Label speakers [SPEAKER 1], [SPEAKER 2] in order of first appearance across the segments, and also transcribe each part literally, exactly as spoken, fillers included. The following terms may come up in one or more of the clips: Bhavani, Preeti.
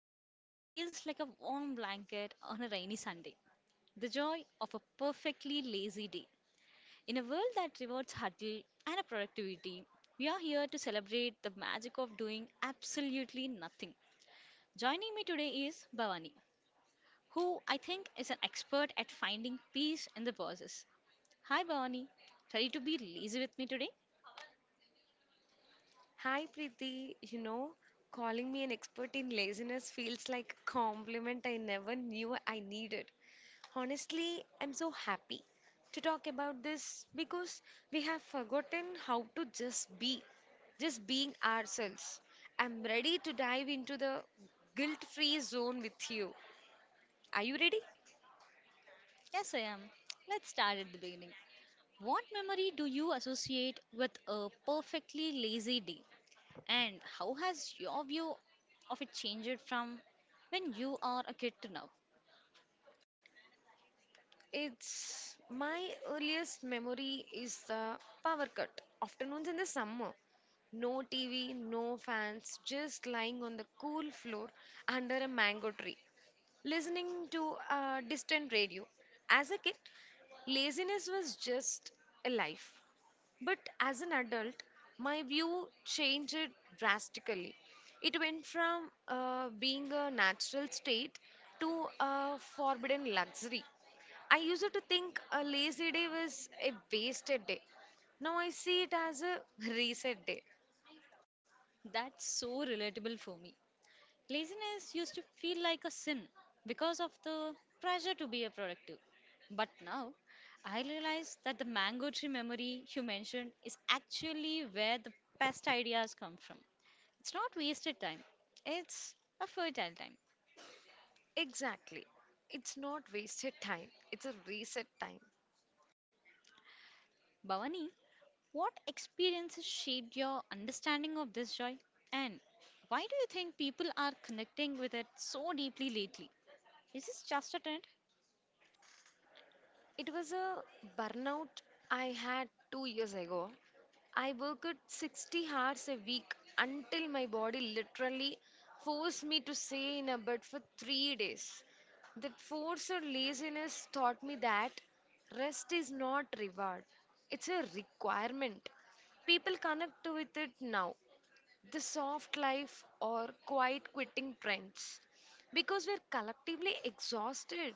[SPEAKER 1] topic that feels like a warm blanket on a rainy Sunday the joy of a perfectly lazy day. In a world that rewards hustle and productivity, we are here to celebrate the magic of doing absolutely nothing. Joining me today is Bhavani, who I think is an expert at finding peace in the process. Hi, Bhavani. Ready to be lazy with me today?
[SPEAKER 2] Hi Preeti, you know, calling me an expert in laziness feels like a compliment I never knew I needed. Honestly, I'm so happy to talk about this because we have forgotten how to just be, just being ourselves. I'm ready to dive into the guilt-free zone with you. Are you ready?
[SPEAKER 1] Yes, I am. Let's start at the beginning. What memory do you associate with a perfectly lazy day? And how has your view of it changed from when you are a kid to now?
[SPEAKER 2] It's my earliest memory is the power cut. Afternoons in the summer. No T V, no fans, just lying on the cool floor under a mango tree, listening to a distant radio. As a kid, laziness was just a life. But as an adult, my view changed drastically. It went from uh, being a natural state to a forbidden luxury. I used to think a lazy day was a wasted day. Now I see it as a reset day.
[SPEAKER 1] That's so relatable for me. Laziness used to feel like a sin because of the pressure to be a productive. But now, I realize that the mango tree memory you mentioned is actually where the best ideas come from. It's not wasted time, it's a fertile time.
[SPEAKER 2] Exactly. It's not wasted time, it's a reset time.
[SPEAKER 1] Bhavani, what experiences shaped your understanding of this joy? And why do you think people are connecting with it so deeply lately? Is this just a trend?
[SPEAKER 2] It was a burnout I had two years ago. I worked sixty hours a week until my body literally forced me to stay in a bed for three days. That forced laziness taught me that rest is not reward, it's a requirement. People connect with it now, the soft life or quiet quitting trends, because we're collectively exhausted,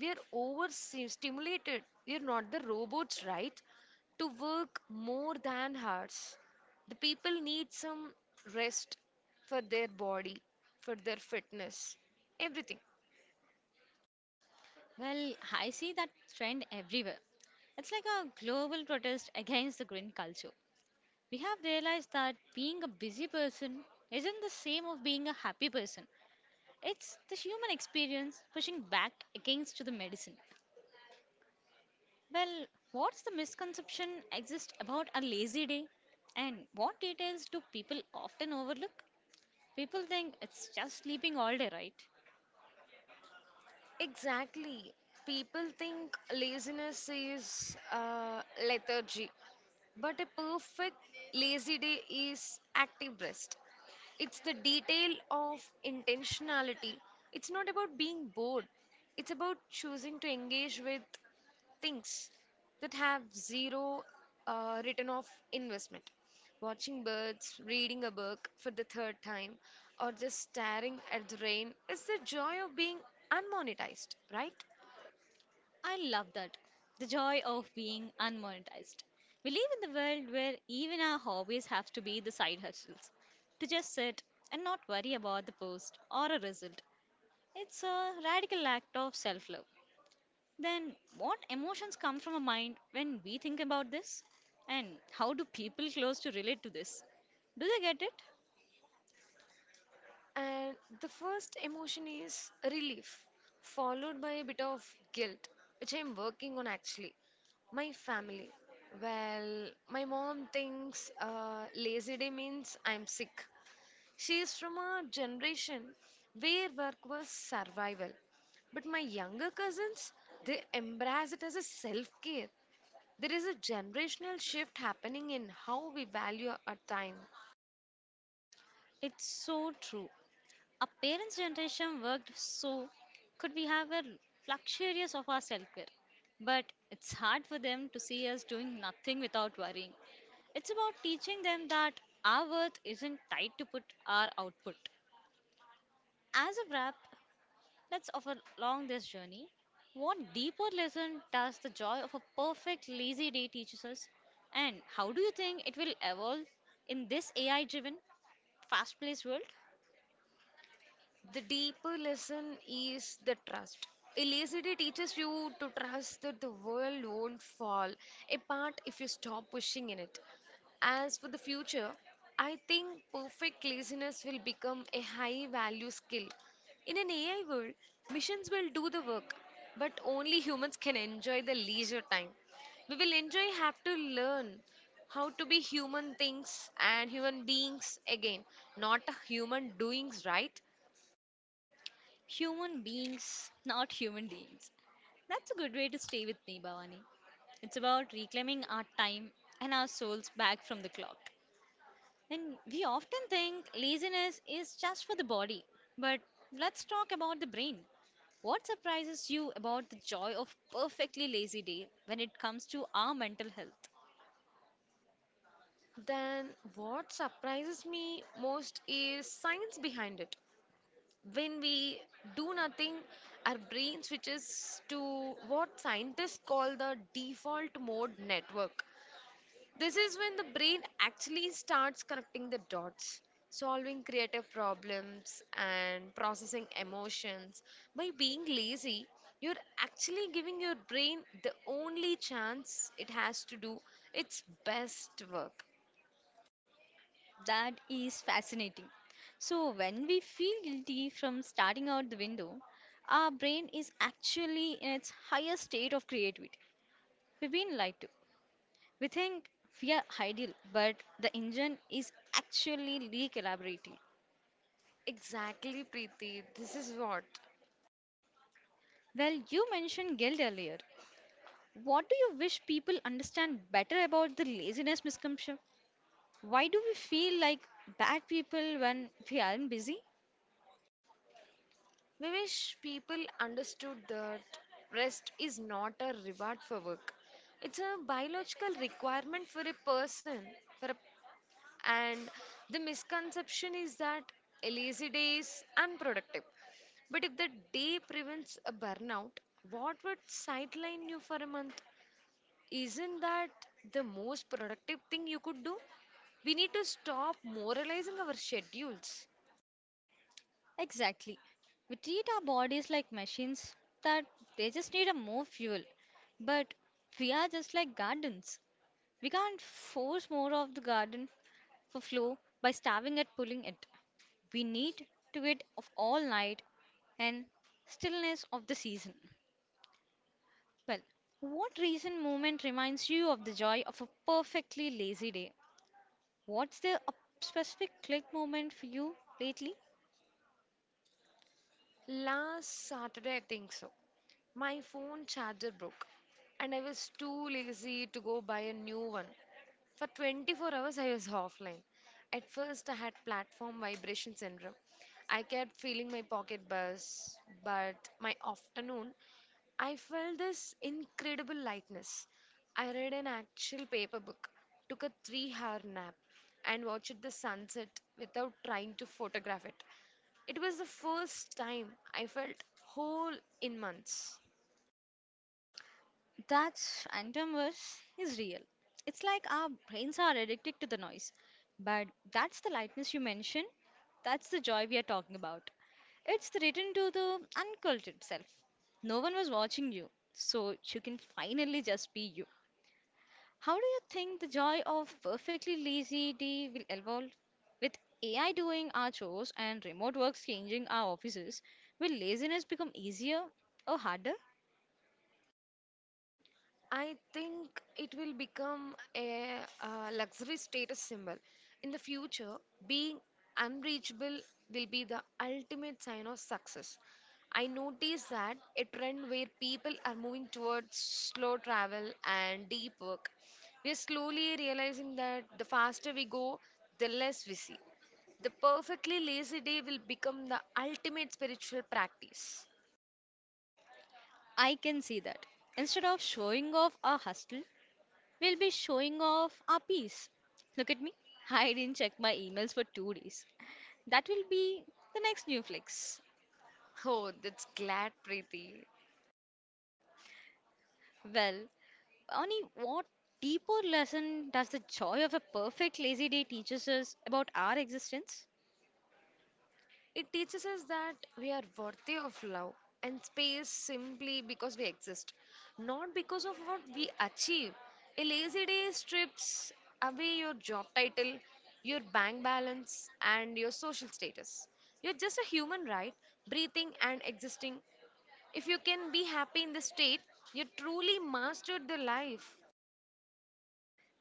[SPEAKER 2] we're overstimulated, we're not the robots, right, to work more than hours. The people need some rest, for their body, for their fitness, everything.
[SPEAKER 1] Well, I see that trend everywhere. It's like a global protest against the green culture. We have realized that being a busy person isn't the same as being a happy person. It's the human experience pushing back against the medicine. Well, what's the misconception exist about a lazy day and what details do people often overlook? People think it's just sleeping all day, right?
[SPEAKER 2] Exactly. People think laziness is uh, lethargy, but a perfect lazy day is active rest. It's the detail of intentionality. It's not about being bored, it's about choosing to engage with things that have zero uh, return of investment. Watching birds, reading a book for the third time, or just staring at the rain is the joy of being unmonetized, right?
[SPEAKER 1] I love that. The joy of being unmonetized. We live in the world where even our hobbies have to be the side hustles. To just sit and not worry about the post or a result. It's a radical act of self love. Then, what emotions come from a mind when we think about this? And how do people close to relate to this? Do they get it?
[SPEAKER 2] And the first emotion is relief, followed by a bit of guilt, which I'm working on actually. My family. Well, my mom thinks uh, lazy day means I'm sick. She is from a generation where work was survival. But my younger cousins, they embrace it as a self care. There is a generational shift happening in how we value our time.
[SPEAKER 1] It's so true. Our parents' generation worked so could we have a luxurious of our self care. But it's hard for them to see us doing nothing without worrying. It's about teaching them that our worth isn't tied to put our output. As a wrap, let's offer along this journey. What deeper lesson does the joy of a perfect lazy day teaches us? And how do you think it will evolve in this A I driven, fast paced world?
[SPEAKER 2] The deeper lesson is the trust. Elasticity teaches you to trust that the world won't fall apart if you stop pushing in it. As for the future, I think perfect laziness will become a high value skill. In an A I world, missions will do the work, but only humans can enjoy the leisure time. We will enjoy have to learn how to be human things and human beings again, not human doings, right?
[SPEAKER 1] Human beings, not human beings. That's a good way to stay with me, Bhavani. It's about reclaiming our time and our souls back from the clock. And we often think laziness is just for the body, but let's talk about the brain. What surprises you about the joy of perfectly lazy day when it comes to our mental health?
[SPEAKER 2] Then, what surprises me most is science behind it. When we do nothing, our brain switches to what scientists call the default mode network. This is when the brain actually starts connecting the dots, solving creative problems, and processing emotions. By being lazy, you're actually giving your brain the only chance it has to do its best work.
[SPEAKER 1] That is fascinating. So, when we feel guilty from starting out the window, our brain is actually in its highest state of creativity. We've been lied to. We think we are ideal, but the engine is actually re collaborating.
[SPEAKER 2] Exactly, Preeti. This is what
[SPEAKER 1] Well, you mentioned guilt earlier. What do you wish people understand better about the laziness misconception? Why do we feel like bad people when we aren't busy?
[SPEAKER 2] we wish people understood, that rest is not a reward for work. It's a biological requirement for a person. For a, and the misconception is that a lazy day is unproductive. But if the day prevents a burnout, what would sideline you for a month? Isn't that the most productive thing you could do? We need to stop moralizing our schedules.
[SPEAKER 1] Exactly. We treat our bodies like machines that they just need a more fuel. But we are just like gardens. We can't force more of the garden for flow by starving at pulling it. We need to get of all night and stillness of the season. Well, what recent moment reminds you of the joy of a perfectly lazy day? What's the up- specific click moment for you lately?
[SPEAKER 2] Last Saturday, I think so. My phone charger broke, and I was too lazy to go buy a new one. For twenty-four hours, I was offline. At first, I had platform vibration syndrome. I kept feeling my pocket buzz, but my afternoon I felt this incredible lightness. I read an actual paper book, took a three hour nap, and watched the sunset without trying to photograph it. It was the first time I felt whole in months.
[SPEAKER 1] That phantom verse is real. It's like our brains are addicted to the noise. But that's the lightness you mentioned. That's the joy we are talking about. It's the return to the uncultured self. No one was watching you, so you can finally just be you. How do you think the joy of perfectly lazy day will evolve? With A I doing our chores and remote work changing our offices, will laziness become easier or harder?
[SPEAKER 2] I think it will become a, uh luxury status symbol. In the future, being unreachable will be the ultimate sign of success. I noticed that a trend where people are moving towards slow travel and deep work. We are slowly realizing that the faster we go, the less we see. The perfectly lazy day will become the ultimate spiritual practice.
[SPEAKER 1] I can see that. Instead of showing off our hustle, we'll be showing off our peace. Look at me. I didn't check my emails for two days. That will be the next new flex.
[SPEAKER 2] Oh, that's glad, Preeti.
[SPEAKER 1] Well, Ani, what deeper lesson does the joy of a perfect lazy day teaches us about our existence?
[SPEAKER 2] It teaches us that we are worthy of love and space simply because we exist, not because of what we achieve. A lazy day strips away your job title, your bank balance, and your social status. You're just a human, right? Breathing and existing. If you can be happy in this state, you truly mastered the life.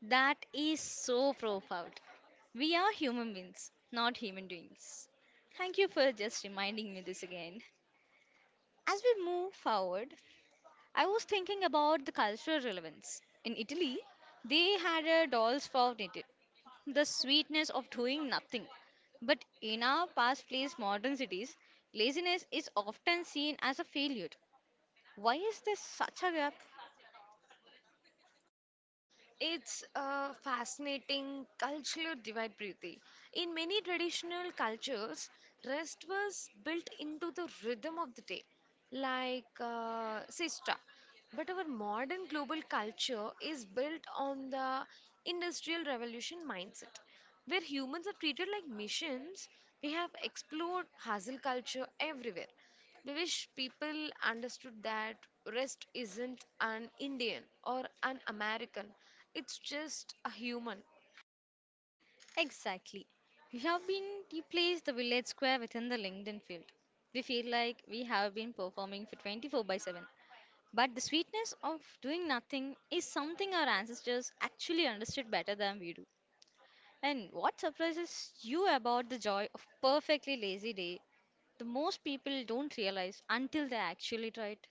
[SPEAKER 1] That is so profound. We are human beings, not human doings. Thank you for just reminding me this again. As we move forward, I was thinking about the cultural relevance. In Italy, they had a dolls for knitted, the sweetness of doing nothing. But in our past place modern cities, laziness is often seen as a failure. Why is there such a gap?
[SPEAKER 2] It's a fascinating cultural divide, Preeti. In many traditional cultures, rest was built into the rhythm of the day, like uh, siesta. But our modern global culture is built on the industrial revolution mindset, where humans are treated like machines. We have explored hustle culture everywhere. We wish people understood that rest isn't an Indian or an American, it's just a human.
[SPEAKER 1] Exactly. We have been you place the village square within the LinkedIn field. We feel like we have been performing for twenty-four by seven. But the sweetness of doing nothing is something our ancestors actually understood better than we do. And what surprises you about the joy of perfectly lazy day, the most people don't realize until they actually try it.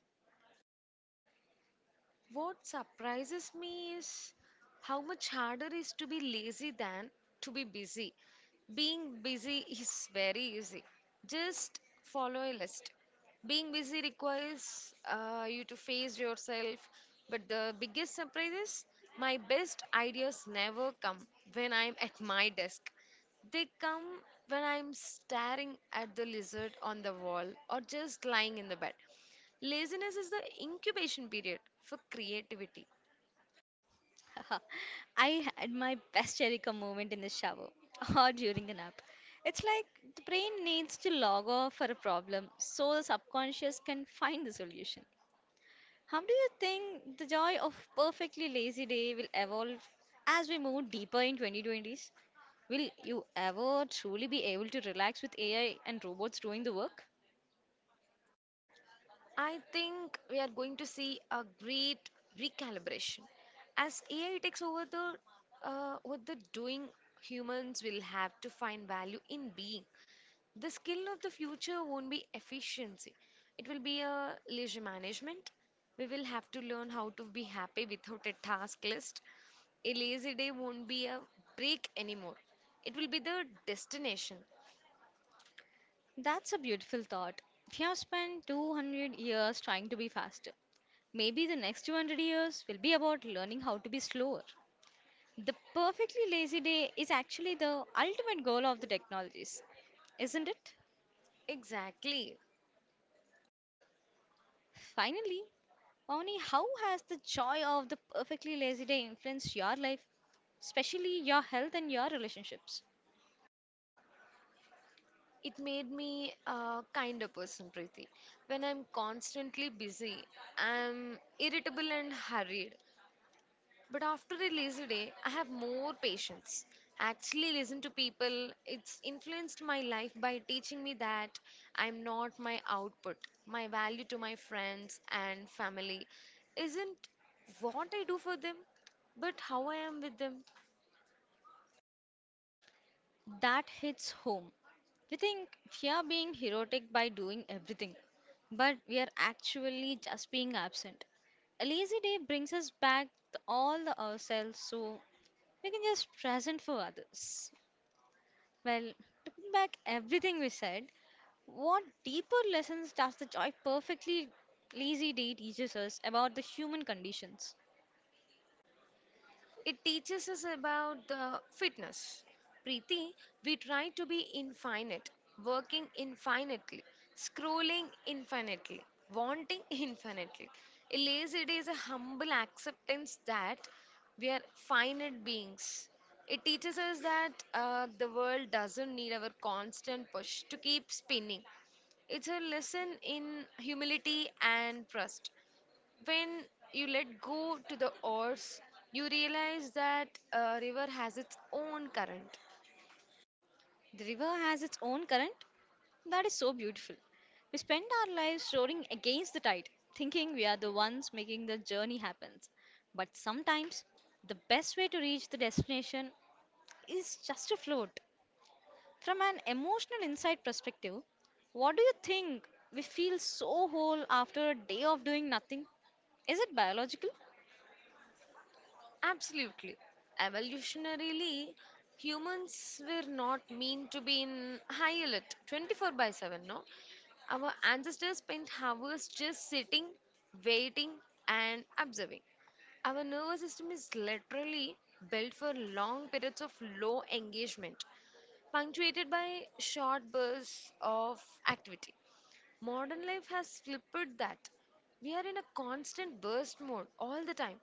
[SPEAKER 2] What surprises me is how much harder it is to be lazy than to be busy. Being busy is very easy. Just follow a list. Being busy requires uh, you to face yourself, but the biggest surprise is my best ideas never come when I'm at my desk. They come when I'm staring at the lizard on the wall or just lying in the bed. Laziness is the incubation period for creativity.
[SPEAKER 1] I had my best Jericho moment in the shower or during a nap. It's like the brain needs to log off for a problem so the subconscious can find the solution. How do you think the joy of perfectly lazy day will evolve as we move deeper in twenty twenties? Will you ever truly be able to relax with A I and robots doing the work?
[SPEAKER 2] I think we are going to see a great recalibration as A I takes over the uh, what the doing. Humans will have to find value in being. The skill of the future won't be efficiency. It will be a leisure management. We will have to learn how to be happy without a task list. A lazy day won't be a break anymore. It will be the destination.
[SPEAKER 1] That's a beautiful thought. If you have spent two hundred years trying to be faster, maybe the next two hundred years will be about learning how to be slower. The perfectly lazy day is actually the ultimate goal of the technologies, isn't it?
[SPEAKER 2] Exactly.
[SPEAKER 1] Finally, Only how has the joy of the perfectly lazy day influenced your life, especially your health and your relationships?
[SPEAKER 2] It made me a kinder person, Preeti. When I'm constantly busy, I'm irritable and hurried. But after a lazy day, I have more patience. Actually, listen to people. It's influenced my life by teaching me that I'm not my output. My value to my friends and family isn't what I do for them, but how I am with them.
[SPEAKER 1] That hits home. We think we are being heroic by doing everything, but we are actually just being absent. A lazy day brings us back to all the ourselves so we can just present for others. Well, to put back everything we said, what deeper lessons does the joy perfectly lazy day teaches us about the human conditions?
[SPEAKER 2] It teaches us about the fitness. Preeti, we try to be infinite, working infinitely, scrolling infinitely, wanting infinitely. Alas, it is a humble acceptance that we are finite beings. It teaches us that uh, the world doesn't need our constant push to keep spinning. It's a lesson in humility and trust. When you let go to the oars, you realize that a river has its own current.
[SPEAKER 1] The river has its own current, that is so beautiful. We spend our lives roaring against the tide, thinking we are the ones making the journey happen. But sometimes, the best way to reach the destination is just to float. From an emotional insight perspective, what do you think we feel so whole after a day of doing nothing? Is it biological?
[SPEAKER 2] Absolutely. Evolutionarily, humans were not meant to be in high alert twenty-four by seven, no? Our ancestors spent hours just sitting, waiting, and observing. Our nervous system is literally built for long periods of low engagement, punctuated by short bursts of activity. Modern life has flipped that. We are in a constant burst mode all the time.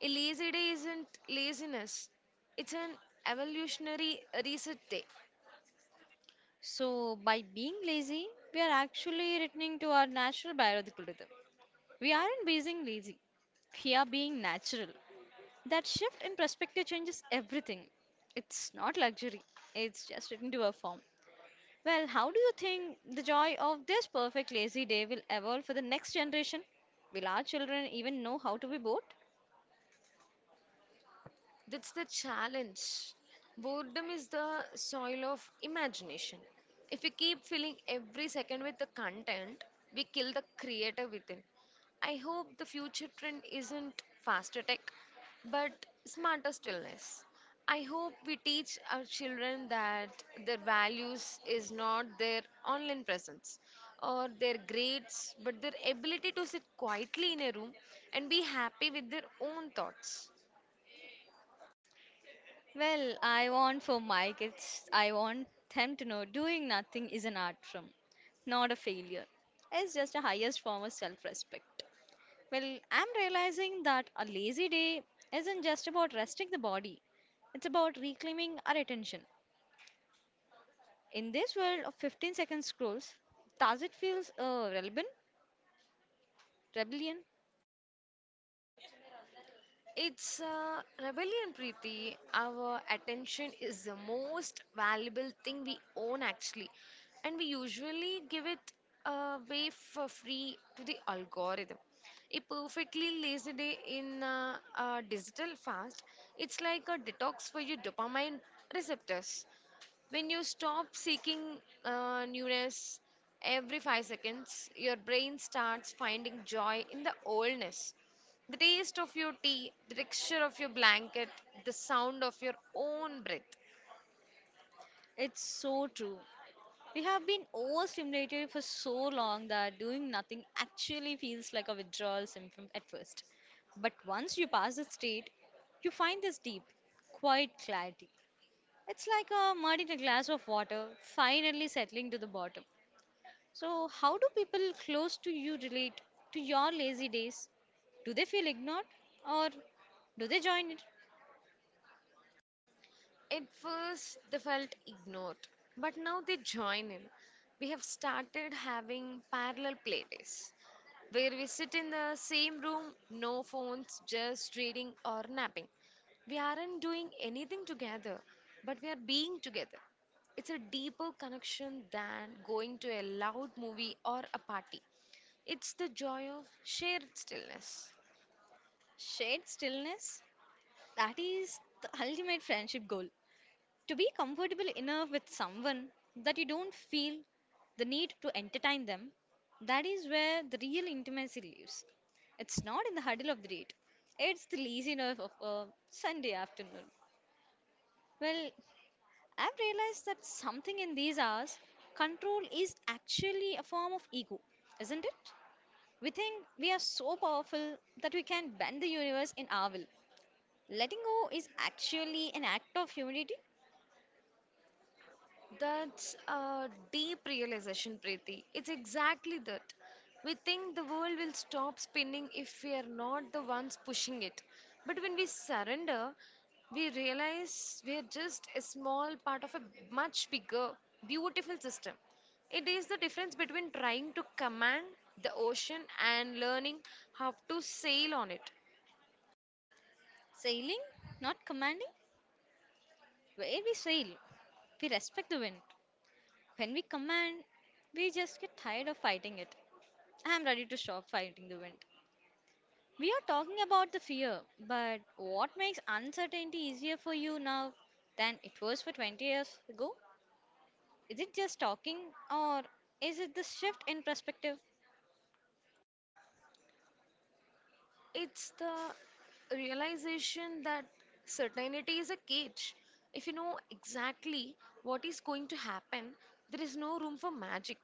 [SPEAKER 2] A lazy day isn't laziness, it's an evolutionary reset day.
[SPEAKER 1] So, by being lazy, we are actually returning to our natural biological rhythm. We aren't being lazy, we are being natural. That shift in perspective changes everything. It's not luxury, it's just written to a form. Well, how do you think the joy of this perfect lazy day will evolve for the next generation? Will our children even know how to be bored?
[SPEAKER 2] That's the challenge. Boredom is the soil of imagination. If we keep filling every second with the content, we kill the creator within. I hope the future trend isn't faster tech, but smarter stillness. I hope we teach our children that their values is not their online presence or their grades, but their ability to sit quietly in a room and be happy with their own thoughts.
[SPEAKER 1] Well, I want for my kids, I want them to know doing nothing is an art form, not a failure. It's just a highest form of self respect. Well, I'm realizing that a lazy day isn't just about resting the body, it's about reclaiming our attention. In this world of fifteen second scrolls, does it feel uh, relevant? Rebellion?
[SPEAKER 2] It's uh, rebellion, Preeti. Our attention is the most valuable thing we own, actually. And we usually give it away for free to the algorithm. A perfectly lazy day in uh, uh, digital fast, it's like a detox for your dopamine receptors. When you stop seeking uh, newness every five seconds, your brain starts finding joy in the oldness. The taste of your tea, the texture of your blanket, the sound of your own breath.
[SPEAKER 1] It's so true. We have been overstimulated for so long that doing nothing actually feels like a withdrawal symptom at first. But once you pass the state, you find this deep, quiet clarity. It's like a mud in a glass of water finally settling to the bottom. So, how do people close to you relate to your lazy days? Do they feel ignored or do they join it?
[SPEAKER 2] At first, they felt ignored, but now they join in. We have started having parallel playdays where we sit in the same room, no phones, just reading or napping. We aren't doing anything together, but we are being together. It's a deeper connection than going to a loud movie or a party. It's the joy of shared stillness.
[SPEAKER 1] Shared stillness, that is the ultimate friendship goal. To be comfortable enough with someone that you don't feel the need to entertain them, that is where the real intimacy lives. It's not in the huddle of the date, it's the laziness of a Sunday afternoon. Well, I've realized that something in these hours, control is actually a form of ego, isn't it? We think we are so powerful that we can bend the universe in our will. Letting go is actually an act of humility,
[SPEAKER 2] That's a deep realization, Preeti. It's exactly that. We think the world will stop spinning if we are not the ones pushing it. But when we surrender, we realize we are just a small part of a much bigger, beautiful system. It is the difference between trying to command the ocean and learning how to sail on it.
[SPEAKER 1] sailing, not commanding. Where we sail, we respect the wind. When we command, we just get tired of fighting it. I am ready to stop fighting the wind. We are talking about the fear, but what makes uncertainty easier for you now than it was for twenty years ago? Is it just talking, or is it the shift in perspective,
[SPEAKER 2] It's the realization that certainty is a cage. If you know exactly what is going to happen, there is no room for magic.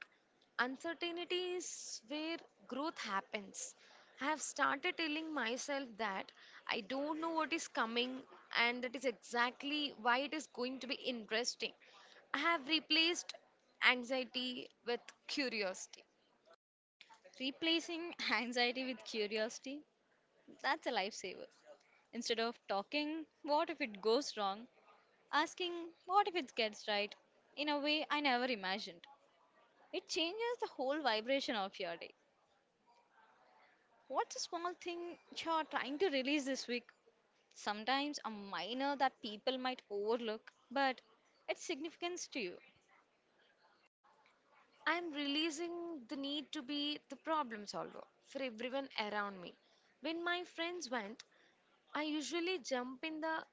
[SPEAKER 2] Uncertainty is where growth happens. I have started telling myself that I don't know what is coming, and that is exactly why it is going to be interesting. I have replaced anxiety with curiosity.
[SPEAKER 1] replacing anxiety with curiosity? That's a lifesaver. Instead of talking, what if it goes wrong? Asking, what if it gets right? In a way I never imagined. It changes the whole vibration of your day. What's a small thing you're trying to release this week? Sometimes a minor that people might overlook, but its significance to you.
[SPEAKER 2] I'm releasing the need to be the problem solver for everyone around me. When my friends vent, I usually jump in the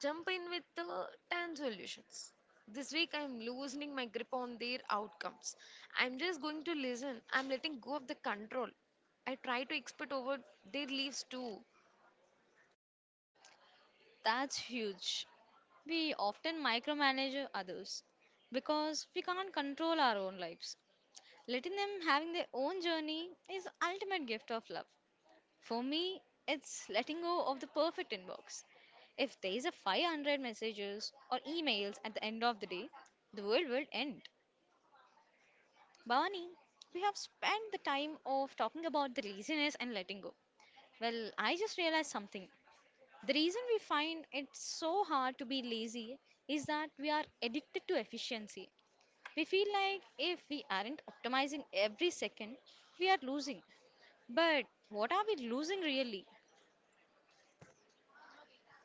[SPEAKER 2] jump in with the ten solutions. This week I'm loosening my grip on their outcomes. I'm just going to listen. I'm letting go of the control. I try to expert over their leaves too.
[SPEAKER 1] That's huge. We often micromanage others because we can't control our own lives. Letting them having their own journey is ultimate gift of love. For me, it's letting go of the perfect inbox. If there is a five hundred messages or emails at the end of the day, the world will end. Bhavani, we have spent the time of talking about the laziness and letting go. Well, I just realized something. The reason we find it so hard to be lazy is that we are addicted to efficiency. We feel like if we aren't optimizing every second, we are losing. But what are we losing really?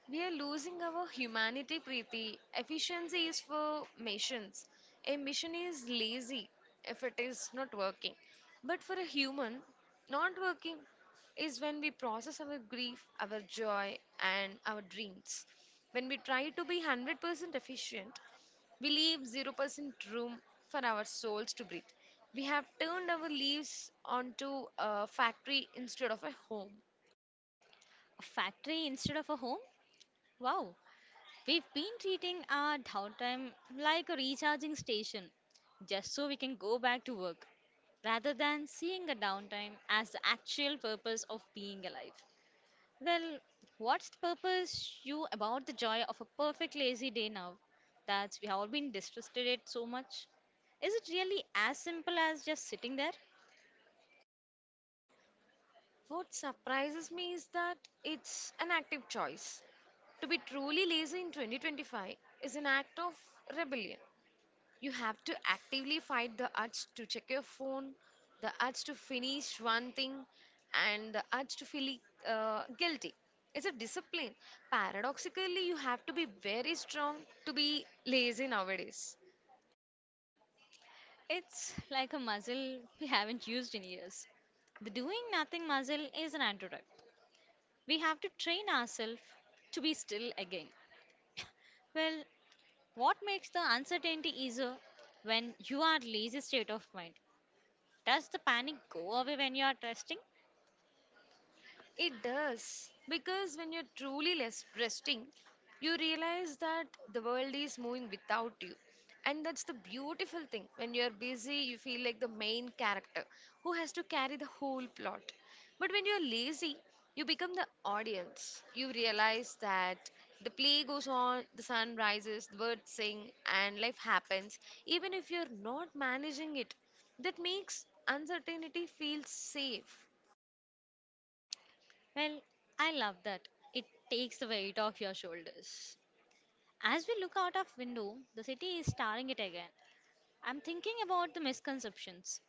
[SPEAKER 2] We are losing our humanity, Preeti. Efficiency is for missions. A mission is lazy if it is not working. But for a human, not working is when we process our grief, our joy, and our dreams. When we try to be one hundred percent efficient, we leave zero percent room for our souls to breathe. We have turned our lives onto a factory instead of a home.
[SPEAKER 1] A factory instead of a home? Wow, we've been treating our downtime like a recharging station, just so we can go back to work, rather than seeing a downtime as the actual purpose of being alive. Well, what's the purpose you about the joy of a perfect lazy day now that we have all been distrusted it so much? Is it really as simple as just sitting there?
[SPEAKER 2] What surprises me is that it's an active choice. To be truly lazy in twenty twenty-five is an act of rebellion. You have to actively fight the urge to check your phone, the urge to finish one thing, and the urge to feel uh, guilty. It's a discipline. Paradoxically, you have to be very strong to be lazy nowadays.
[SPEAKER 1] It's like a muscle we haven't used in years. The doing nothing muscle is an antidote. We have to train ourselves to be still again. Well, what makes the uncertainty easier when you are lazy state of mind? Does the panic go away when you are testing?
[SPEAKER 2] It does. Because when you're truly less resting, you realize that the world is moving without you. And that's the beautiful thing. When you're busy, you feel like the main character who has to carry the whole plot. But when you're lazy, you become the audience. You realize that the play goes on, the sun rises, the birds sing, and life happens, even if you're not managing it. That makes uncertainty feel safe.
[SPEAKER 1] Well, I love that. It takes the weight off your shoulders. As we look out of window, the city is staring it again. I'm thinking about the misconceptions.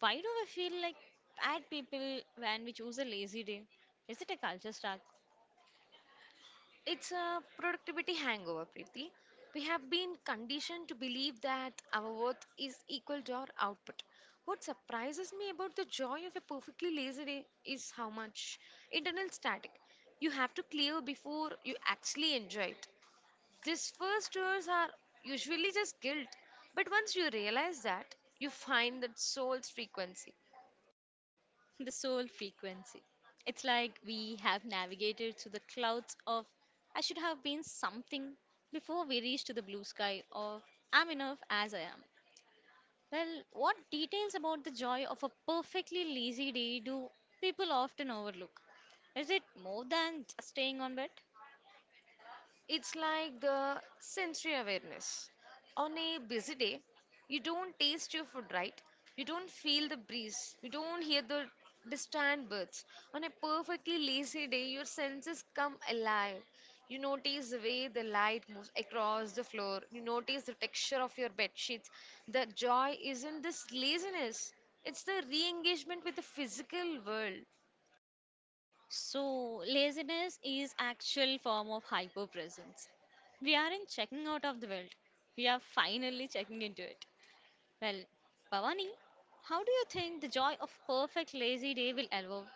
[SPEAKER 1] Why do we feel like bad people when we choose a lazy day? Is it a culture shock
[SPEAKER 2] It's a productivity hangover, Preeti. We have been conditioned to believe that our worth is equal to our output. What surprises me about the joy of a perfectly lazy day is how much internal static you have to clear before you actually enjoy it. These first tours are usually just guilt, but once you realize that, you find that soul's frequency.
[SPEAKER 1] the soul frequency. It's like we have navigated through the clouds of I should have been something before we reach to the blue sky of. I'm enough as I am. Well, what details about the joy of a perfectly lazy day do people often overlook? Is it more than just staying on bed?
[SPEAKER 2] It's like the sensory awareness. On a busy day, you don't taste your food right. You don't feel the breeze. You don't hear the distant birds. On a perfectly lazy day, your senses come alive. You notice the way the light moves across the floor. You notice the texture of your bed sheets. The joy isn't this laziness, it's the re engagement with the physical world.
[SPEAKER 1] So, laziness is actual form of hyperpresence. We aren't checking out of the world. We are finally checking into it. Well, Bhavani, how do you think the joy of perfect lazy day will evolve?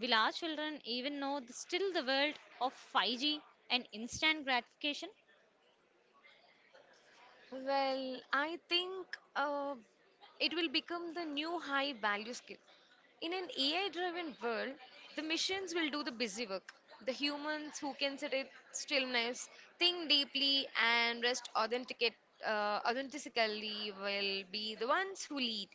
[SPEAKER 1] Will our children even know the, still the world of five G and instant gratification?
[SPEAKER 2] Well, I think uh, it will become the new high value skill. In an A I driven world, the machines will do the busy work. The humans who can sit in stillness, think deeply, and rest authenticate, uh, authentically will be the ones who lead.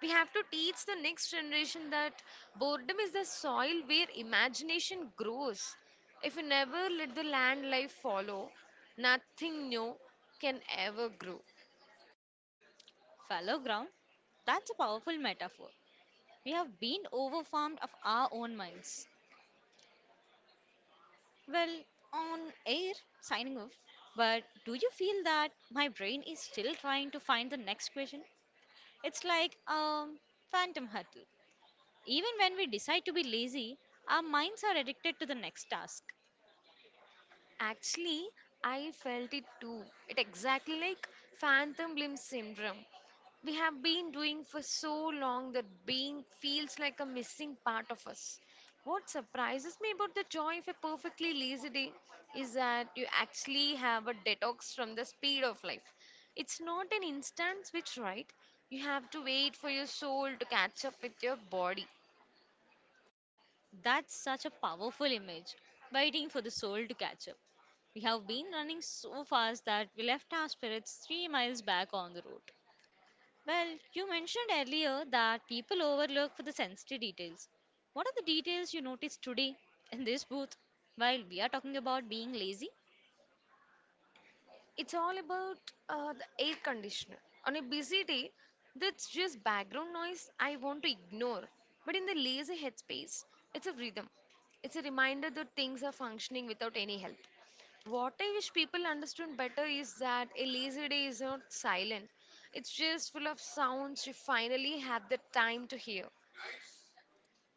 [SPEAKER 2] We have to teach the next generation that boredom is the soil where imagination grows. If we never let the land life follow, nothing new can ever grow.
[SPEAKER 1] Fellow ground, that's a powerful metaphor. We have been overwhelmed of our own minds. Well, on air, signing off. But do you feel that my brain is still trying to find the next question? It's like um, phantom huddle. Even when we decide to be lazy, our minds are addicted to the next task.
[SPEAKER 2] Actually, I felt it too. It exactly like phantom limb syndrome. We have been doing for so long that being feels like a missing part of us. What surprises me about the joy of a perfectly lazy day is that you actually have a detox from the speed of life. It's not an instant switch, right? You have to wait for your soul to catch up with your body.
[SPEAKER 1] That's such a powerful image, waiting for the soul to catch up. We have been running so fast that we left our spirits three miles back on the road. Well, you mentioned earlier that people overlook for the sensitive details. What are the details you noticed today in this booth while we are talking about being lazy?
[SPEAKER 2] It's all about uh, the air conditioner. On a busy day, that's just background noise I want to ignore. But in the lazy headspace, it's a rhythm. It's a reminder that things are functioning without any help. What I wish people understood better is that a lazy day is not silent, it's just full of sounds you finally have the time to hear.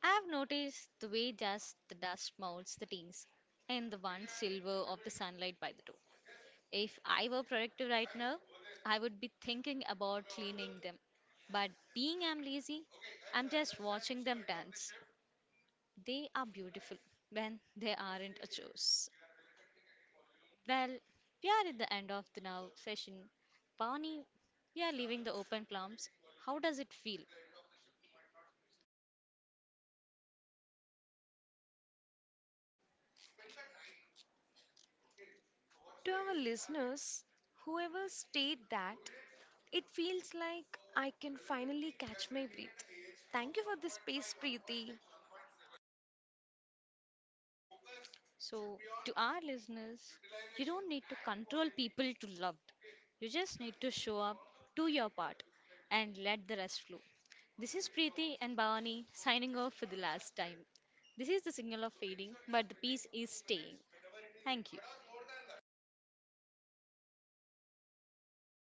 [SPEAKER 1] I've noticed the way just the dust molds the teens and the one silver of the sunlight by the door. If I were productive right now, I would be thinking about cleaning them. But being I'm lazy, I'm just watching them dance. They are beautiful when they aren't a chores. Well, we are at the end of the now session. Pawni, we are leaving the open plums. How does it feel?
[SPEAKER 2] To our listeners, whoever stayed that, it feels like I can finally catch my breath. Thank you for this space, Preeti.
[SPEAKER 1] So, to our listeners, you don't need to control people to love. You just need to show up, do your part, and let the rest flow. This is Preeti and Bhavani signing off for the last time. This is the signal of fading, but the peace is staying. Thank you.